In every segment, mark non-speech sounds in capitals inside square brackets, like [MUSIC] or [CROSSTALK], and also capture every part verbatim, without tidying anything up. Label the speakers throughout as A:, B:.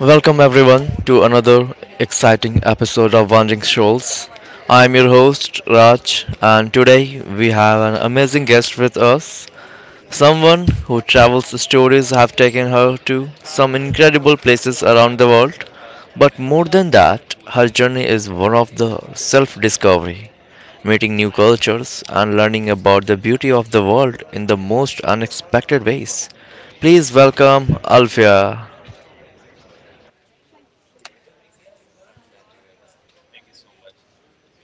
A: Welcome everyone to another exciting episode of Wandering Souls. I'm your host Raj and today we have an amazing guest with us. Someone who travels stories have taken her to some incredible places around the world. But more than that, her journey is one of the self-discovery, meeting new cultures and learning about the beauty of the world in the most unexpected ways. Please welcome Alfia.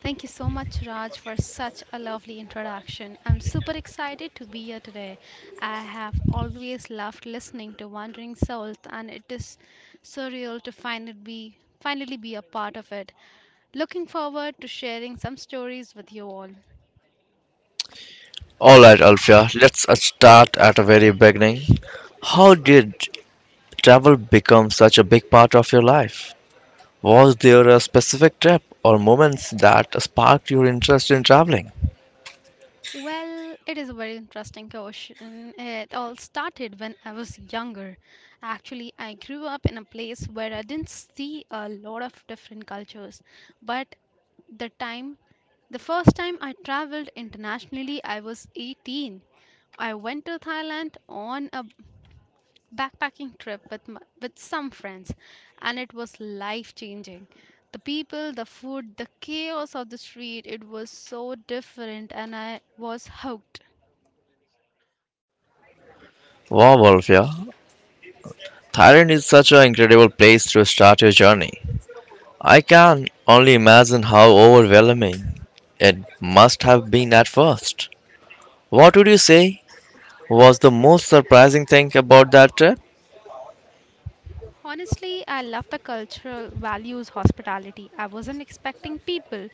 B: Thank you so much, Raj, for such a lovely introduction. I'm super excited to be here today. I have always loved listening to Wandering Souls, and it is surreal to finally be finally be a part of it. Looking forward to sharing some stories with you all.
A: Alright, Alfia, let's uh, start at the very beginning. How did travel become such a big part of your life? Was there a specific trip or moments that sparked your interest in traveling?
B: Well, it is a very interesting question. It all started when I was younger. Actually, I grew up in a place where I didn't see a lot of different cultures. But the time, the first time I traveled internationally, I was eighteen. I went to Thailand on a backpacking trip with m- with some friends, and it was life changing. The people, the food, the chaos of the street, it was so different and I was hooked.
A: Wow, Alfia, Thailand is such an incredible place to start your journey. I can only imagine how overwhelming it must have been at first. What would you say was the most surprising thing about that trip?
B: Honestly, I love the cultural values hospitality. I wasn't expecting people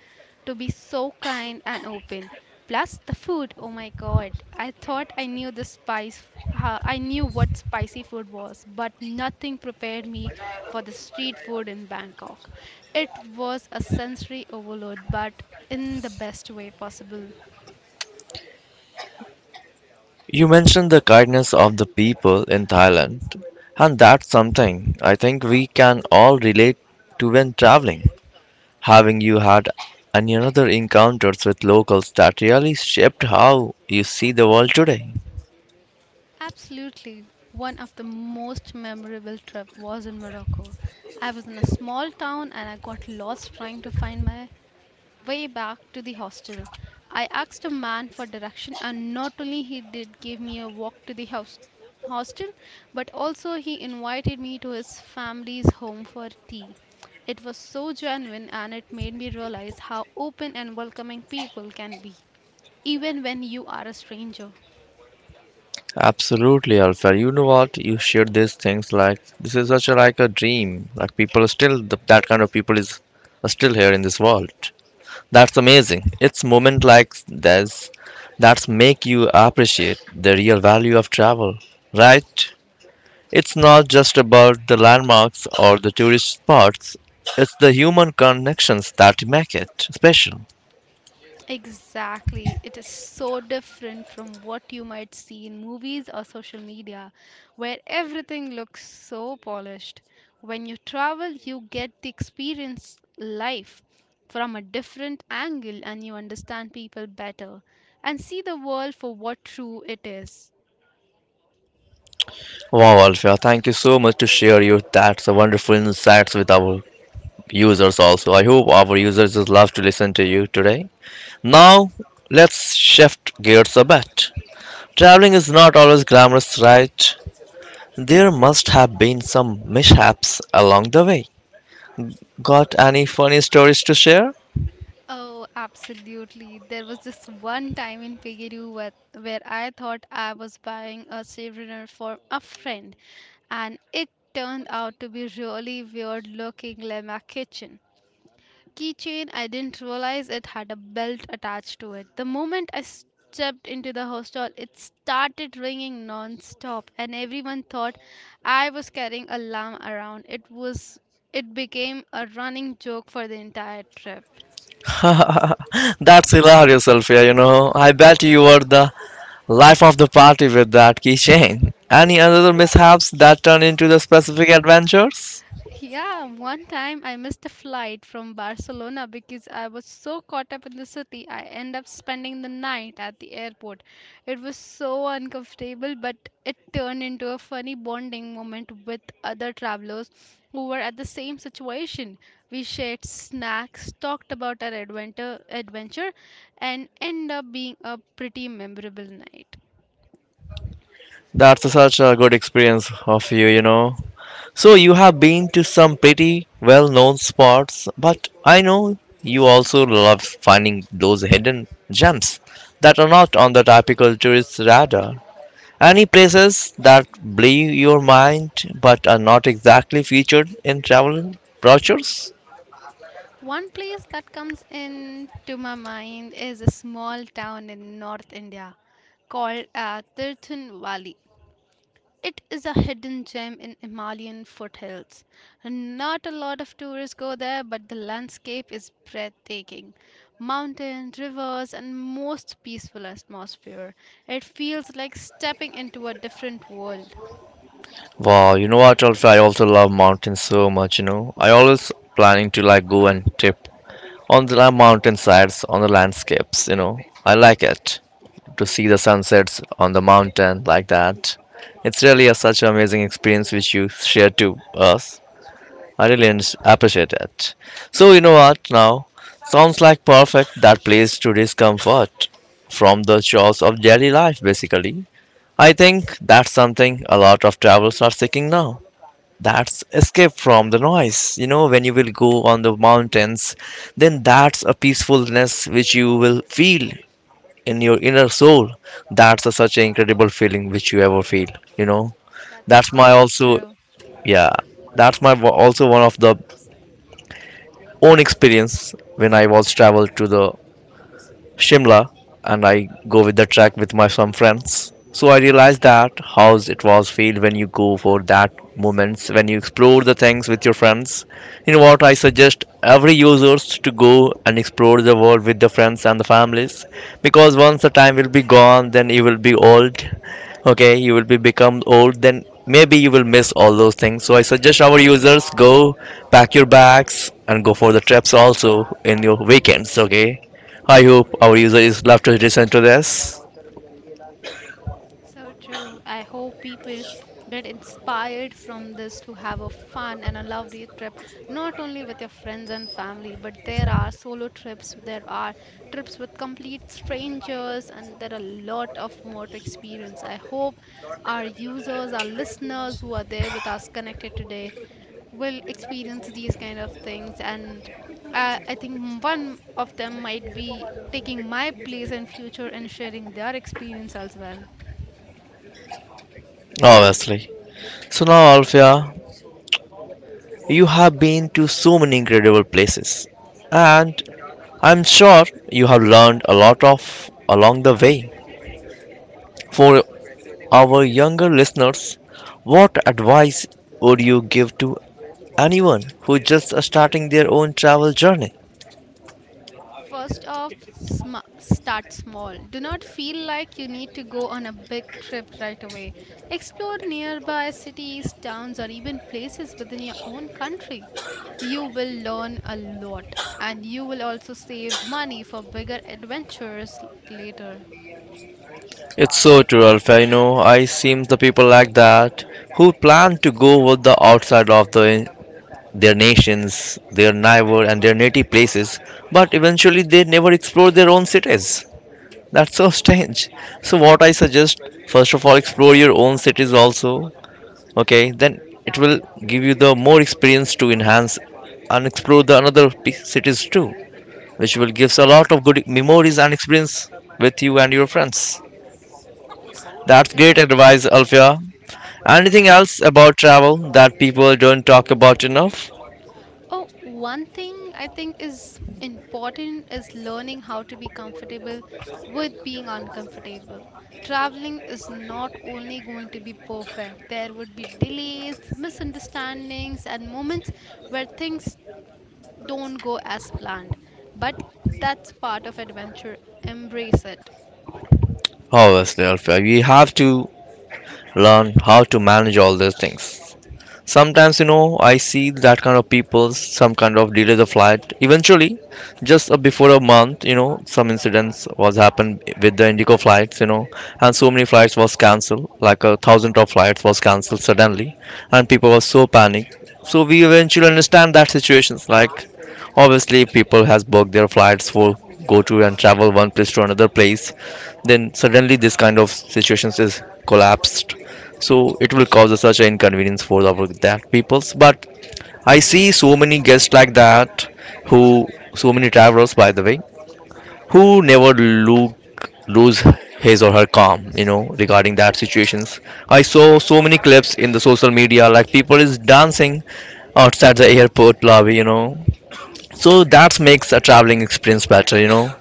B: to be so kind and open. Plus the food, oh my god. I thought I knew the spice how I knew what spicy food was, but nothing prepared me for the street food in Bangkok. It was a sensory overload, but in the best way possible.
A: You mentioned the kindness of the people in Thailand, and that's something I think we can all relate to when traveling. Having you had any other encounters with locals that really shaped how you see the world today?
B: Absolutely. One of the most memorable trip was in Morocco. I was in a small town and I got lost trying to find my way back to the hostel. I asked a man for direction and not only he did give me a walk to the house hostel, but also he invited me to his family's home for tea. It was so genuine and it made me realize how open and welcoming people can be even when you are a stranger.
A: Absolutely, Alfred. You know what? You shared these things like this is such a, like a dream. Like people are still the, that kind of people is are still here in this world. That's amazing. It's moment like this that make you appreciate the real value of travel, right? It's not just about the landmarks or the tourist spots. It's the human connections that make it special.
B: Exactly. It is so different from what you might see in movies or social media, where everything looks so polished. When you travel, you get the experience life from a different angle and you understand people better and see the world for what true it is.
A: Wow, Alfia, thank you so much to share your that's a wonderful insights with our users also. I hope our users just love to listen to you today. Now, let's shift gears a bit. Traveling is not always glamorous, right? There must have been some mishaps along the way. Got any funny stories to share?
B: Oh, absolutely. There was this one time in Peru where, where I thought I was buying a souvenir for a friend, and it turned out to be really weird looking Lema kitchen. Keychain, I didn't realize it had a belt attached to it. The moment I stepped into the hostel, it started ringing non-stop, and everyone thought I was carrying a lamb around. It was it became a running joke for the entire trip.
A: [LAUGHS] That's hilarious, Alfia. You know, I bet you were the life of the party with that keychain. Any other mishaps that turn into the specific adventures?
B: Yeah, one time I missed a flight from Barcelona because I was so caught up in the city. I end up spending the night at the airport. It was so uncomfortable, but it turned into a funny bonding moment with other travelers who were at the same situation. We shared snacks, talked about our adventure, adventure, and end up being a pretty memorable night.
A: That's such a good experience of you, you know. So you have been to some pretty well-known spots, but I know you also love finding those hidden gems that are not on the typical tourist radar. Any places that blow your mind but are not exactly featured in travel brochures?
B: One place that comes into my mind is a small town in North India called uh, Tirthan Valley. It is a hidden gem in Himalayan foothills. Not a lot of tourists go there, but the landscape is breathtaking. Mountains, rivers, and most peaceful atmosphere. It feels like stepping into a different world.
A: Wow, you know what, Alfie? I also love mountains so much. You know, I always planning to like go and trip on the mountain sides, on the landscapes. You know, I like it. To see the sunsets on the mountain like that. It's really a, such an amazing experience which you share to us. I really en- appreciate it. So you know what now? Sounds like perfect that place to discomfort from the chores of daily life basically. I think that's something a lot of travelers are seeking now. That's escape from the noise. You know, when you will go on the mountains, then that's a peacefulness which you will feel in your inner soul. That's a, such an incredible feeling which you ever feel, you know.
B: That's
A: That's my
B: so
A: also,
B: true.
A: yeah, that's my wa- also one of the own experience when I was traveled to the Shimla, and I go with the trek with my some friends. So I realized that how it was feel when you go for that moments when you explore the things with your friends. You know what I suggest every users to go and explore the world with the friends and the families because once the time will be gone, then you will be old. Okay, you will be become old. Then maybe you will miss all those things. So I suggest our users go pack your bags and go for the trips also in your weekends. Okay. I hope our user is left to listen to this.
B: So true. I hope people get inspired from this to have a fun and a lovely trip, not only with your friends and family, but there are solo trips, there are trips with complete strangers, and there are a lot of more to experience. I hope our users, our listeners who are there with us connected today, will experience these kind of things, and uh, I think m- one of them might be taking my place in future and sharing their experience as well.
A: Obviously. So now, Alfia, you have been to so many incredible places, and I'm sure you have learned a lot of along the way. For our younger listeners, what advice would you give to anyone who just are starting their own travel journey?
B: First off, sm- start small. Do not feel like you need to go on a big trip right away. Explore nearby cities, towns, or even places within your own country. You will learn a lot and you will also save money for bigger adventures l- later.
A: It's so true, Alfia. You know, I seem the people like that who plan to go with the outside of the their nations, their neighbor, and their native places, but eventually they never explore their own cities. That's so [LAUGHS] strange. So, what I suggest first of all, explore your own cities also. Okay, then it will give you the more experience to enhance and explore the another p- cities too, which will gives a lot of good memories and experience with you and your friends. That's great
B: Correct.
A: advice, Alfia. Anything else about travel that people don't talk about enough?
B: Oh, one thing I think is important is learning how to be comfortable with being uncomfortable. Traveling is not only going to be perfect, there would be delays, misunderstandings, and moments where things don't go as planned. But that's part of adventure. Embrace it.
A: Obviously, Alfia, we have to learn how to manage all these things. Sometimes, you know, I see that kind of people, some kind of delay the flight. Eventually, just uh, before a month, you know, some incidents was happened with the Indigo flights, you know, and so many flights was cancelled, like a thousand of flights was cancelled suddenly, and people were so panicked. So we eventually understand that situations like obviously people has booked their flights for go to and travel one place to another place, then suddenly this kind of situations is collapsed, so it will cause such an inconvenience for our that peoples, but I see so many guests like that, who, so many travelers by the way, who never look lose his or her calm, you know, regarding that situations. I saw so many clips in the social media, like people is dancing outside the airport lobby, you know, so that makes a traveling experience better, you know,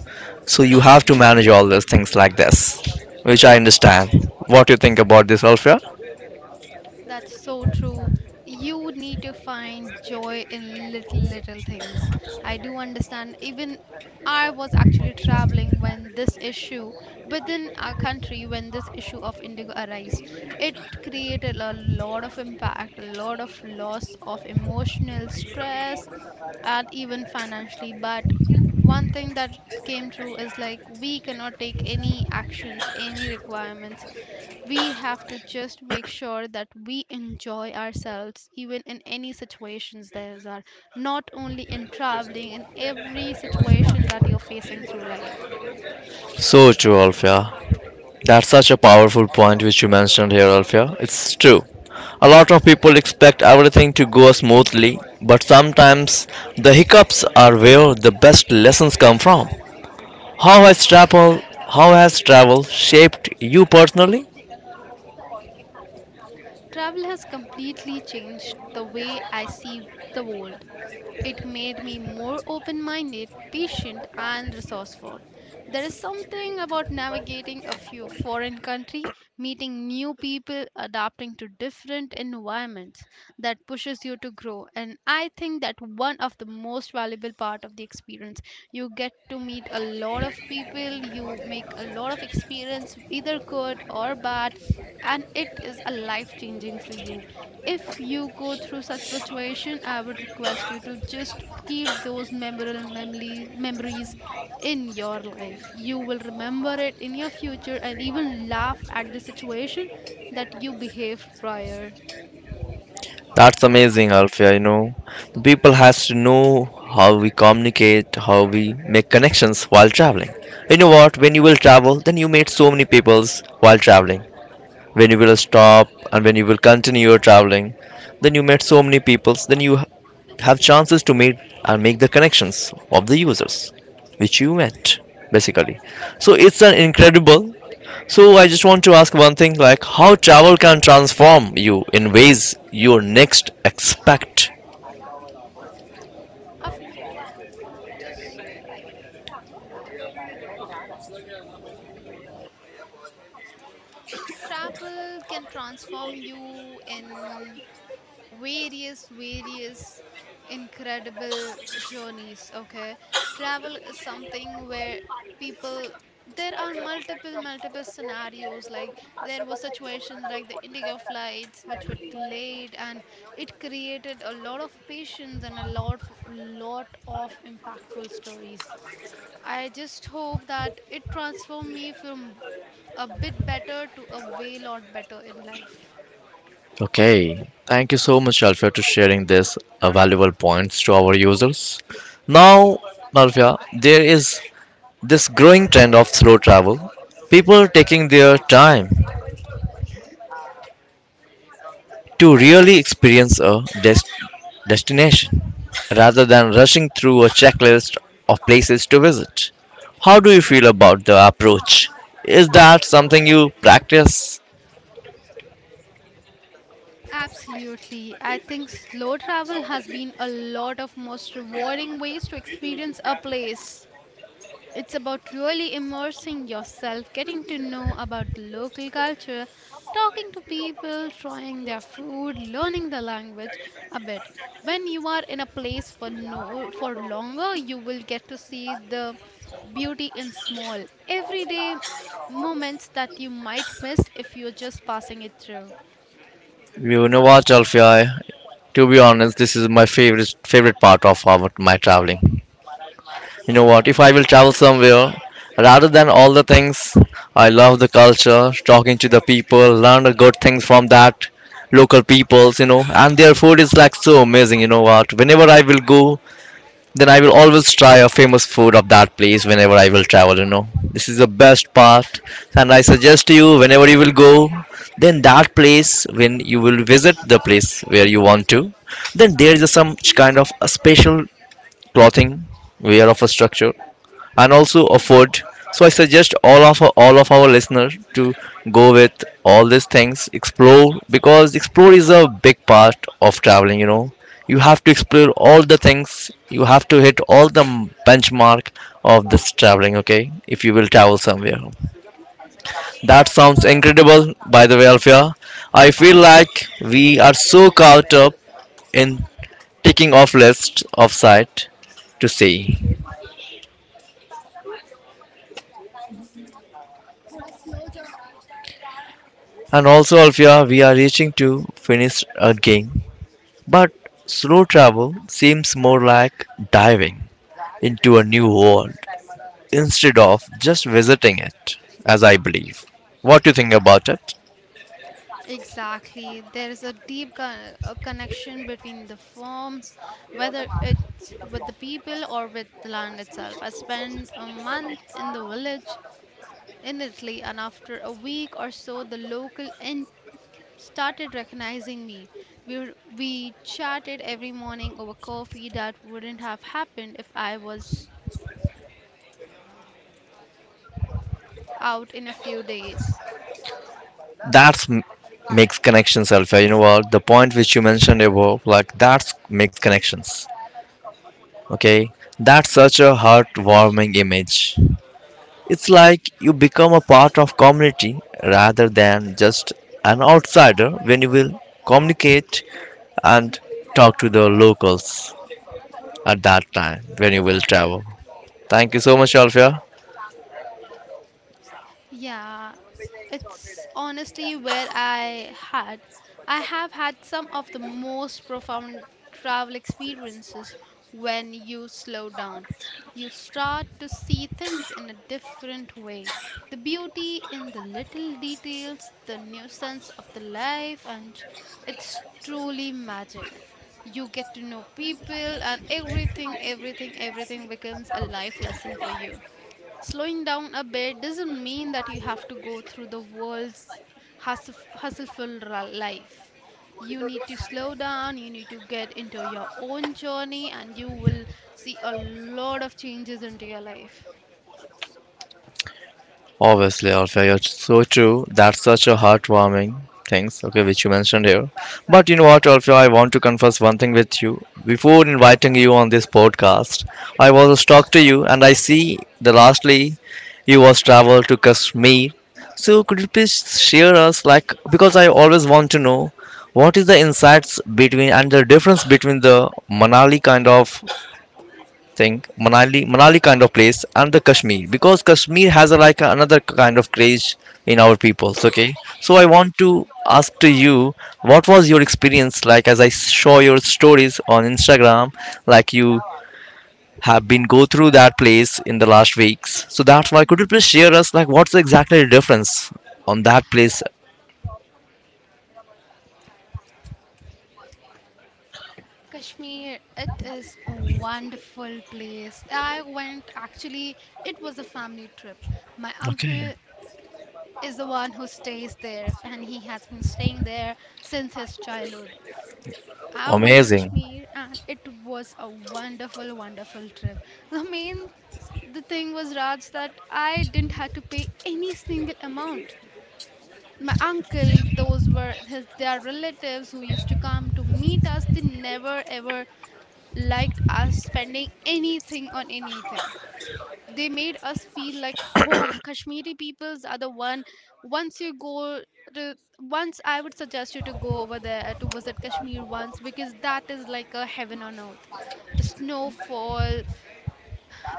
A: so you have to manage all those things like this, which I understand. What do you think about this, Alfia?
B: That's so true. You need to find joy in little, little things. I do understand. Even I was actually traveling when this issue within our country, when this issue of indigo arise, it created a lot of impact, a lot of loss of emotional stress, and even financially. But one thing that came true is like we cannot take any actions any requirements, we have to just make sure that we enjoy ourselves even in any situations there are, not only in traveling, in every situation that you're facing through life.
A: So true, Alfia. That's such a powerful point which you mentioned here, Alfia. It's true. A lot of people expect everything to go smoothly, but sometimes the hiccups are where the best lessons come from. How has travel how has travel shaped you personally?
B: Travel has completely changed the way I see the world. It made me more open minded, patient, and resourceful. There is something about navigating a few foreign country, meeting new people, adapting to different environments that pushes you to grow. And I think that one of the most valuable part of the experience, you get to meet a lot of people, you make a lot of experience, either good or bad, and it is a life changing for you. If you go through such situation, I would request you to just keep those memorable memory, memories in your life. You will remember it in your future and even laugh at the situation that you behaved prior
A: That's amazing, Alfia, you know. The people has to know how we communicate, how we make connections while traveling. You know what? When you will travel, then you meet so many peoples while traveling, when you will stop and when you will continue your traveling, then you met so many people. then you ha- have chances to meet and make the connections of the users which you met basically, so it's an incredible, so I just want to ask one thing, like how travel can transform you in ways you next expect.
B: of. Just travel can transform you in various various incredible journeys, okay. Travel is something where people, there are multiple multiple scenarios like there were situations like the indigo flights which were delayed and it created a lot of patience and a lot of- lot of impactful stories. I just hope that it transformed me from a bit better to a way lot better in life.
A: Okay. Thank you so much Alfia to sharing this uh, valuable points to our users. Now Alfia, there is this growing trend of slow travel, people taking their time to really experience a des- destination rather than rushing through a checklist of places to visit. How do you feel about the approach? Is that something you practice?
B: Absolutely. I think slow travel has been a lot of most rewarding ways to experience a place. It's about really immersing yourself, getting to know about the local culture, talking to people, trying their food, learning the language a bit. When you are in a place for no for longer, you will get to see the beauty in small everyday moments that you might miss if you're just passing it through.
A: You know what, Alfia? To be honest, this is my favorite favorite part of our, my traveling. You know what? If I will travel somewhere, rather than all the things, I love the culture, talking to the people, learn the good things from that local peoples, you know, and their food is like so amazing. You know what? Whenever I will go, then I will always try a famous food of that place whenever I will travel. You know, this is the best part, and I suggest to you whenever you will go, then that place when you will visit the place where you want to, then there is some kind of a special clothing wear of a structure and also afford. So I suggest all of all of our listeners to go with all these things, explore because explore is a big part of traveling. You know, you have to explore all the things. You have to hit all the m- benchmark of this traveling. Okay, if you will travel somewhere, that sounds incredible. By the way, Alfia, I feel like we are so caught up in ticking off lists of sight to see. And also, Alfia, we are reaching to finish a game. But slow travel seems more like diving into a new world instead of just visiting it, as I believe. What do you think about it?
B: Exactly. There is a deep co- a connection between the forms, whether it's with the people or with the land itself. I spent a month in the village in Italy, and after a week or so, the local inn started recognizing me. We, were- we chatted every morning over coffee that wouldn't have happened if I was out in a few days.
A: That's m- makes connections, Alfia. You know what? The point which you mentioned above, like that's makes connections. Okay, that's such a heartwarming image. It's like you become a part of community rather than just an outsider when you will communicate and talk to the locals at that time when you will travel. Thank you so much, Alfia.
B: Yeah, it's honestly where I had. I have had some of the most profound travel experiences when you slow down. You start to see things in a different way. The beauty in the little details, the nuisance of the life, and it's truly magic. You get to know people, and everything, everything, everything becomes a life lesson for you. Slowing down a bit doesn't mean that you have to go through the world's hustle, hustleful ra- life. You need to slow down, you need to get into your own journey, and you will see a lot of changes into your life.
A: Obviously, Alfia, you're so true. That's such a heartwarming things, okay, which you mentioned here. But you know what, Alfia, I want to confess one thing with you. Before inviting you on this podcast, I was a stalk to you, and I see the lastly you was travel to Kashmir. So could you please share us, like, because I always want to know what is the insights between and the difference between the Manali kind of thing, Manali, Manali kind of place and the Kashmir because Kashmir has a, like another kind of craze in our peoples. Okay, so I
B: So
A: want
B: true.
A: to ask to you, what was your experience like as I saw your stories on Instagram, like you have been go through that place in the last weeks. So that's why could you please
B: hmm
A: share us like what's exactly the difference on that place?
B: Kashmir, it is a wonderful place. I went actually, it was a family trip. My
A: Okay,
B: uncle is the one who stays there, and he has been staying there since his childhood. I went to
A: amazing.
B: Kashmir and it was a wonderful, wonderful trip. I mean, the thing was, Raj, that I didn't have to pay any single amount. My uncle, those were his their relatives who used to come to meet us. They never ever liked us spending anything on anything. They made us feel like home. Kashmiri peoples are the one, once you go to once, I would suggest you to go over there to visit Kashmir once, because that is like a heaven on earth. The snowfall,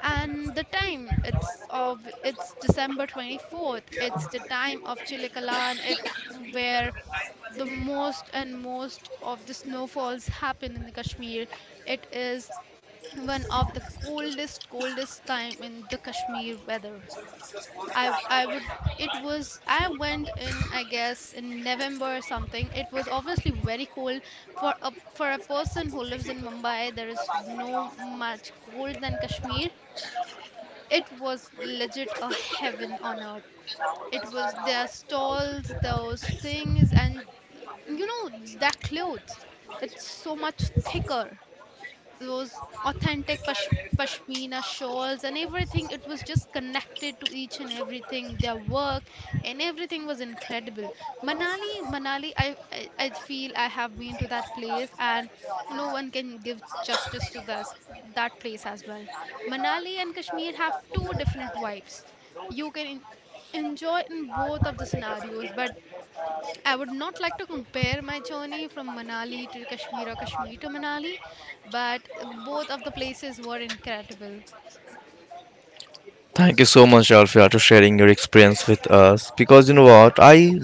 B: and the time it's of, it's December twenty-fourth, it's the time of Chilikalan, it where the most and most of the snowfalls happen in the Kashmir. It is one of the coldest coldest time in the Kashmir weather. I I would, it was, I went in, I guess in November or something. It was obviously very cold for a for a person who lives in Mumbai. There is no much cold than Kashmir. It was legit a heaven on earth. It was their stalls, those things, and you know, their clothes. It's so much thicker, those authentic pash- pashmina shawls, and everything it was just connected to each and everything, their work and everything was incredible. manali Manali, i i, I feel I have been to that place, and no one can give justice to this, that place as well. Manali and Kashmir have two different vibes. You can en- enjoy in both of the scenarios, but I would not like to compare my journey from Manali to Kashmir or Kashmir to Manali, but both of the places were incredible.
A: Thank you so much, Alfia, to sharing your experience with us. Because you know what, I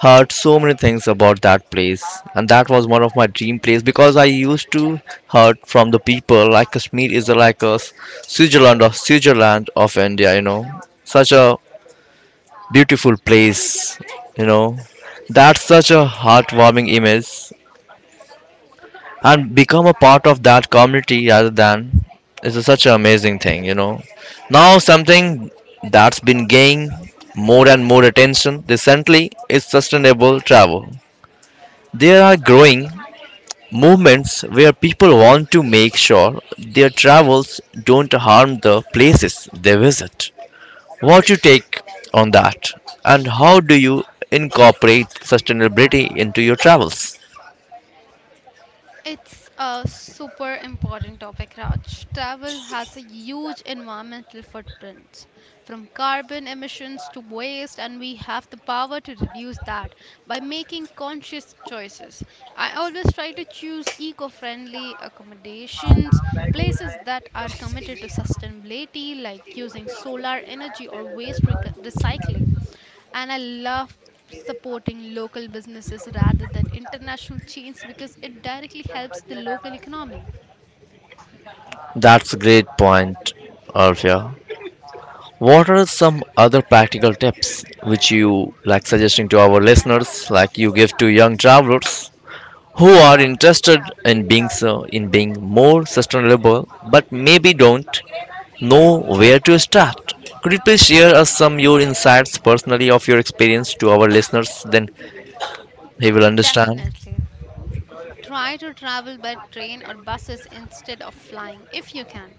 A: heard so many things about that place and that was one of my dream place because I used to heard from the people like Kashmir is like a switzerland of switzerland of India, you know such a beautiful place, you know that's such a heartwarming image and become a part of that community rather than is such an amazing thing, you know now something that's been gaining more and more attention recently is sustainable travel. There are growing movements where people want to make sure their travels don't harm the places they visit. What you take on that and how do you incorporate sustainability into your travels?
B: It's a super important topic, Raj. Travel has a huge environmental footprint, from carbon emissions to waste, and we have the power to reduce that by making conscious choices. I always try to choose eco friendly accommodations, places that are committed to sustainability, like using solar energy or waste rec- recycling and I love supporting local businesses rather than international chains because it directly helps the local economy.
A: That's a great point, Arfia. What are some other practical tips which you like suggesting to our listeners like you give to young travelers who are interested in being so in being more sustainable but maybe don't know where to start? Could you please share us some your insights personally of your experience to our listeners then he will understand?
B: Definitely. Try to travel by train or buses instead of flying if you can.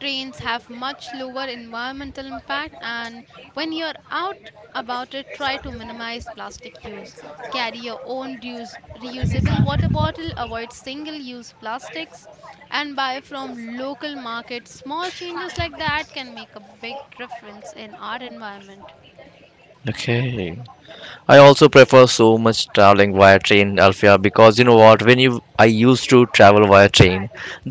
B: Trains have much lower environmental impact, and when you're out about it, try to minimize plastic use. Carry your own reuse- reusable water bottle, avoid single use plastics, and buy from local markets. Small changes like that can make a big difference in our environment.
A: Okay, I also prefer so much traveling via train, Alfia, because you know what, when you, I used to travel via train,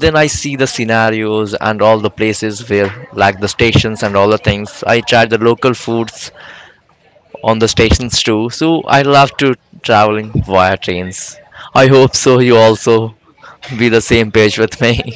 A: then I see the scenarios and all the places where like the stations and all the things, I tried the local foods on the stations too. So I love to traveling via trains. I hope so you also be the same page with me. [LAUGHS]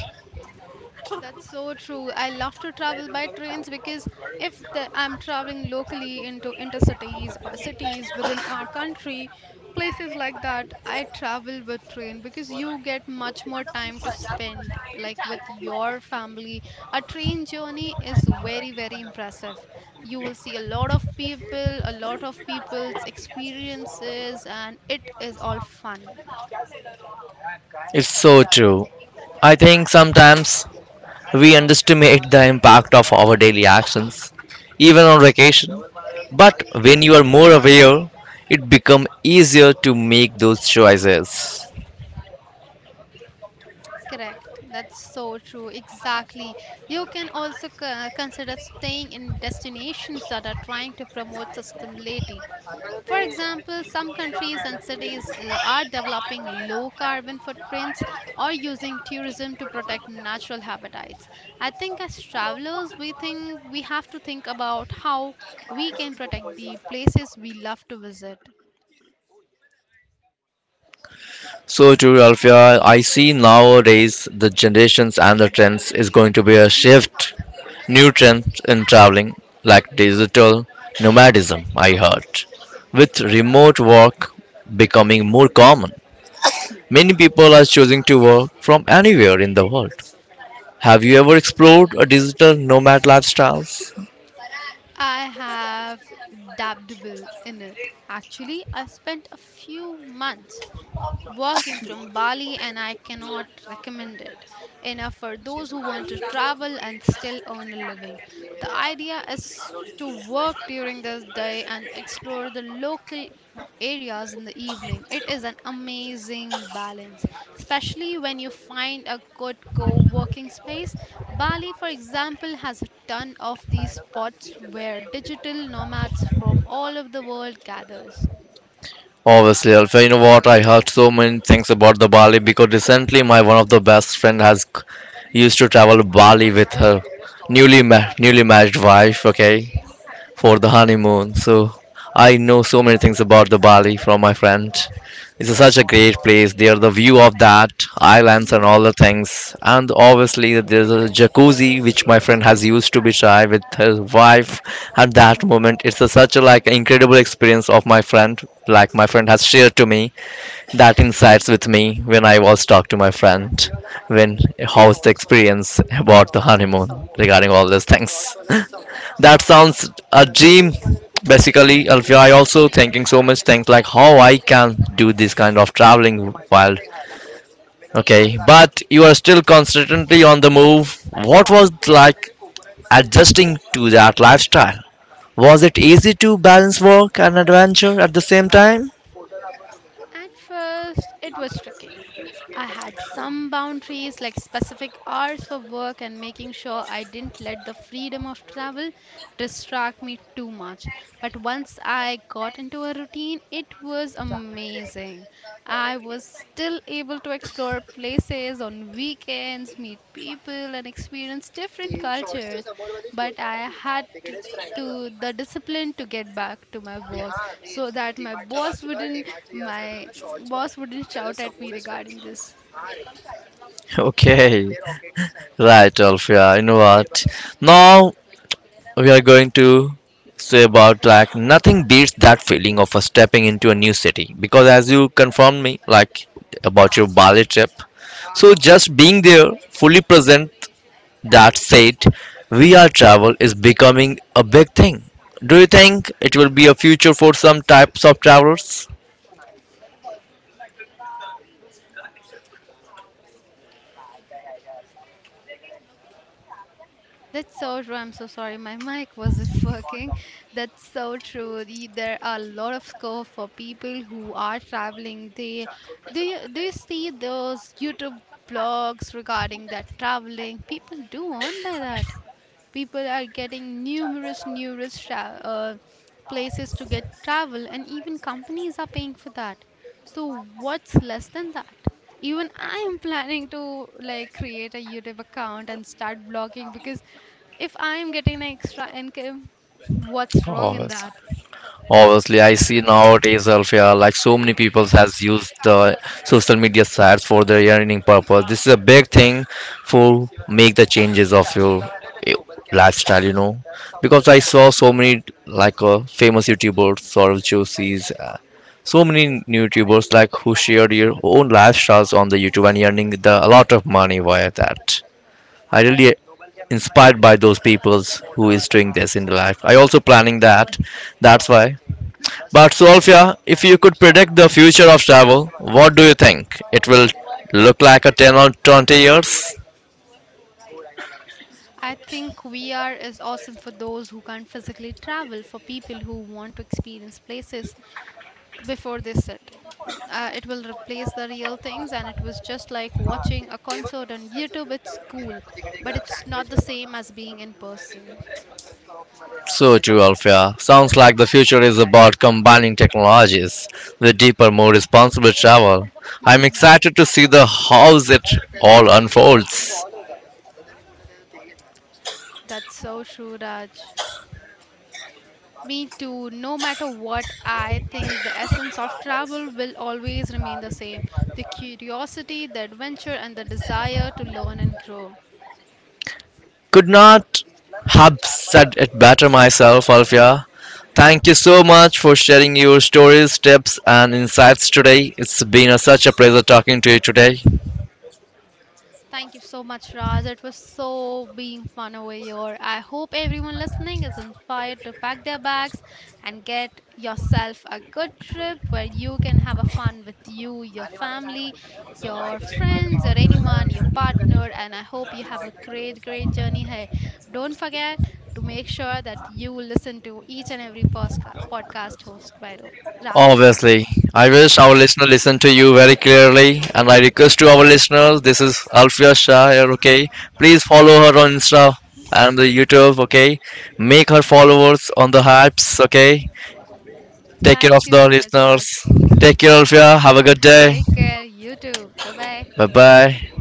B: That's so true. I love to travel by trains because if the, I'm traveling locally into intercities or cities within our country, places like that, I travel with train because you get much more time to spend like with your family. A train journey is very very impressive. You will see a lot of people, a lot of people's experiences and it is all fun.
A: It's so true. I think sometimes we underestimate the impact of our daily actions, even on vacation. But when you are more aware, it becomes easier to make those choices.
B: Correct. That's so true. Exactly. You can also co- consider staying in destinations that are trying to promote sustainability. For example, some countries and cities l- are developing low carbon footprints or using tourism to protect natural habitats. I think as travelers, we think we have to think about how we can protect the places we love to visit.
A: So true, Alfia. I see nowadays the generations and the trends is going to be a shift, new trends in traveling like digital nomadism. I heard, with remote work becoming more common, many people are choosing to work from anywhere in the world. Have you ever explored a digital nomad lifestyles?
B: I have dabbled in it. Actually, I spent a few months working from Bali, and I cannot recommend it enough for those who want to travel and still earn a living. The idea is to work during the day and explore the local areas in the evening. It is an amazing balance, especially when you find a good co working space. Bali, for example, has a ton of these spots where digital nomads from all over the world gathers.
A: Obviously, Alfia, you know what? I heard so many things about the Bali because recently my one of the best friend has used to travel Bali with her newly ma- newly married wife. Okay, for the honeymoon. So I know so many things about the Bali from my friend. It's such a great place. There, the view of that islands and all
B: Mm-hmm.
A: the things, and obviously there's a jacuzzi which my friend has used to be shy with his wife. At that moment, it's a, such a like incredible experience of my friend. Like my friend has shared to me that insights with me when I was talk to my friend, when how's the experience about the honeymoon regarding all these things. [LAUGHS] That sounds a dream. Basically, Alfia, I also thinking so much things like how I can do this kind of traveling while, okay, but you are still constantly on the move. What was like adjusting to that lifestyle? Was it easy to balance work and adventure at the same time?
B: At first, it was tricky. I had some boundaries like specific hours for work and making sure I didn't let the freedom of travel distract me too much. But once I got into a routine, it was amazing. I was still able to explore places on weekends, meet people, and experience different cultures. But I had to to the discipline to get back to my work so that my boss wouldn't my boss wouldn't shout at me regarding this.
A: Okay. [LAUGHS] Right, Alfia. You know what? Now we are going to say about like nothing beats that feeling of a stepping into a new city because as you confirmed me like about your Bali trip, so just being there, fully present. That said, V R travel is becoming a big thing. Do you think it will be a future for some types of travelers?
B: That's so true. I'm so sorry my mic wasn't [LAUGHS] working. That's so true. The- there are a lot of scope for people who are traveling, they they do. You see those youtube blogs regarding that traveling people do on by that. People are getting numerous numerous sha- uh, places to get travel and even companies are paying for that. So what's less than that? Even I am planning to like create a youtube account and start blogging because if I am getting an extra income, what's wrong
A: Oh,
B: in that?
A: obviously, I see nowadays, Alfia, like so many people has used the social media sites for their earning purpose. This is a big thing for make the changes of your eh, lifestyle, you know, because I saw so many like uh, famous YouTubers, Sorrel Josies, uh, so many new YouTubers like who shared their own lifestyles on the YouTube and earning the, a lot of money via that. I really inspired by those peoples who is doing this in the life. I also planning that. That's why, but Solfia, if you could predict the future of travel, what do you think? It will look like a ten or twenty years?
B: I think V R is awesome for those who can't physically travel, for people who want to experience places before they sit. Uh, it will replace the real things, and it was just like watching a concert on YouTube. It's cool, but it's not the same as being in person.
A: So true, Alfia. Sounds like the future is about combining technologies with deeper, more responsible travel. I'm
B: [LAUGHS]
A: excited to see the how it all unfolds.
B: That's so true, Raj. Me too. No matter what, I think the essence of travel will always remain the same, the curiosity, the adventure, and the desire to learn and grow.
A: Could not have said it better myself, Alfia. Thank you so much for sharing your stories, tips, and insights today. It's been a, such a pleasure talking to you today.
B: Thank you so much, Raj. It was so being fun over here. I hope everyone listening is inspired to pack their bags and get yourself a good trip where you can have a fun with you, your family, your friends, or anyone, your partner. And I hope you have a great, great journey here. Don't forget to make sure that you listen to each and every posca- podcast host by Ro- Raj.
A: Obviously, I wish our listener listen to you very clearly, and I request to our listeners. This is Alfia Shah here. Okay, please follow her on Insta and the YouTube. Okay, make her followers on the hypes. Okay, take care of
B: Thank you
A: the
B: so much, Raj.
A: listeners. Take care, Alfia. Have a good day.
B: Take care. You too. Bye bye.
A: Bye bye.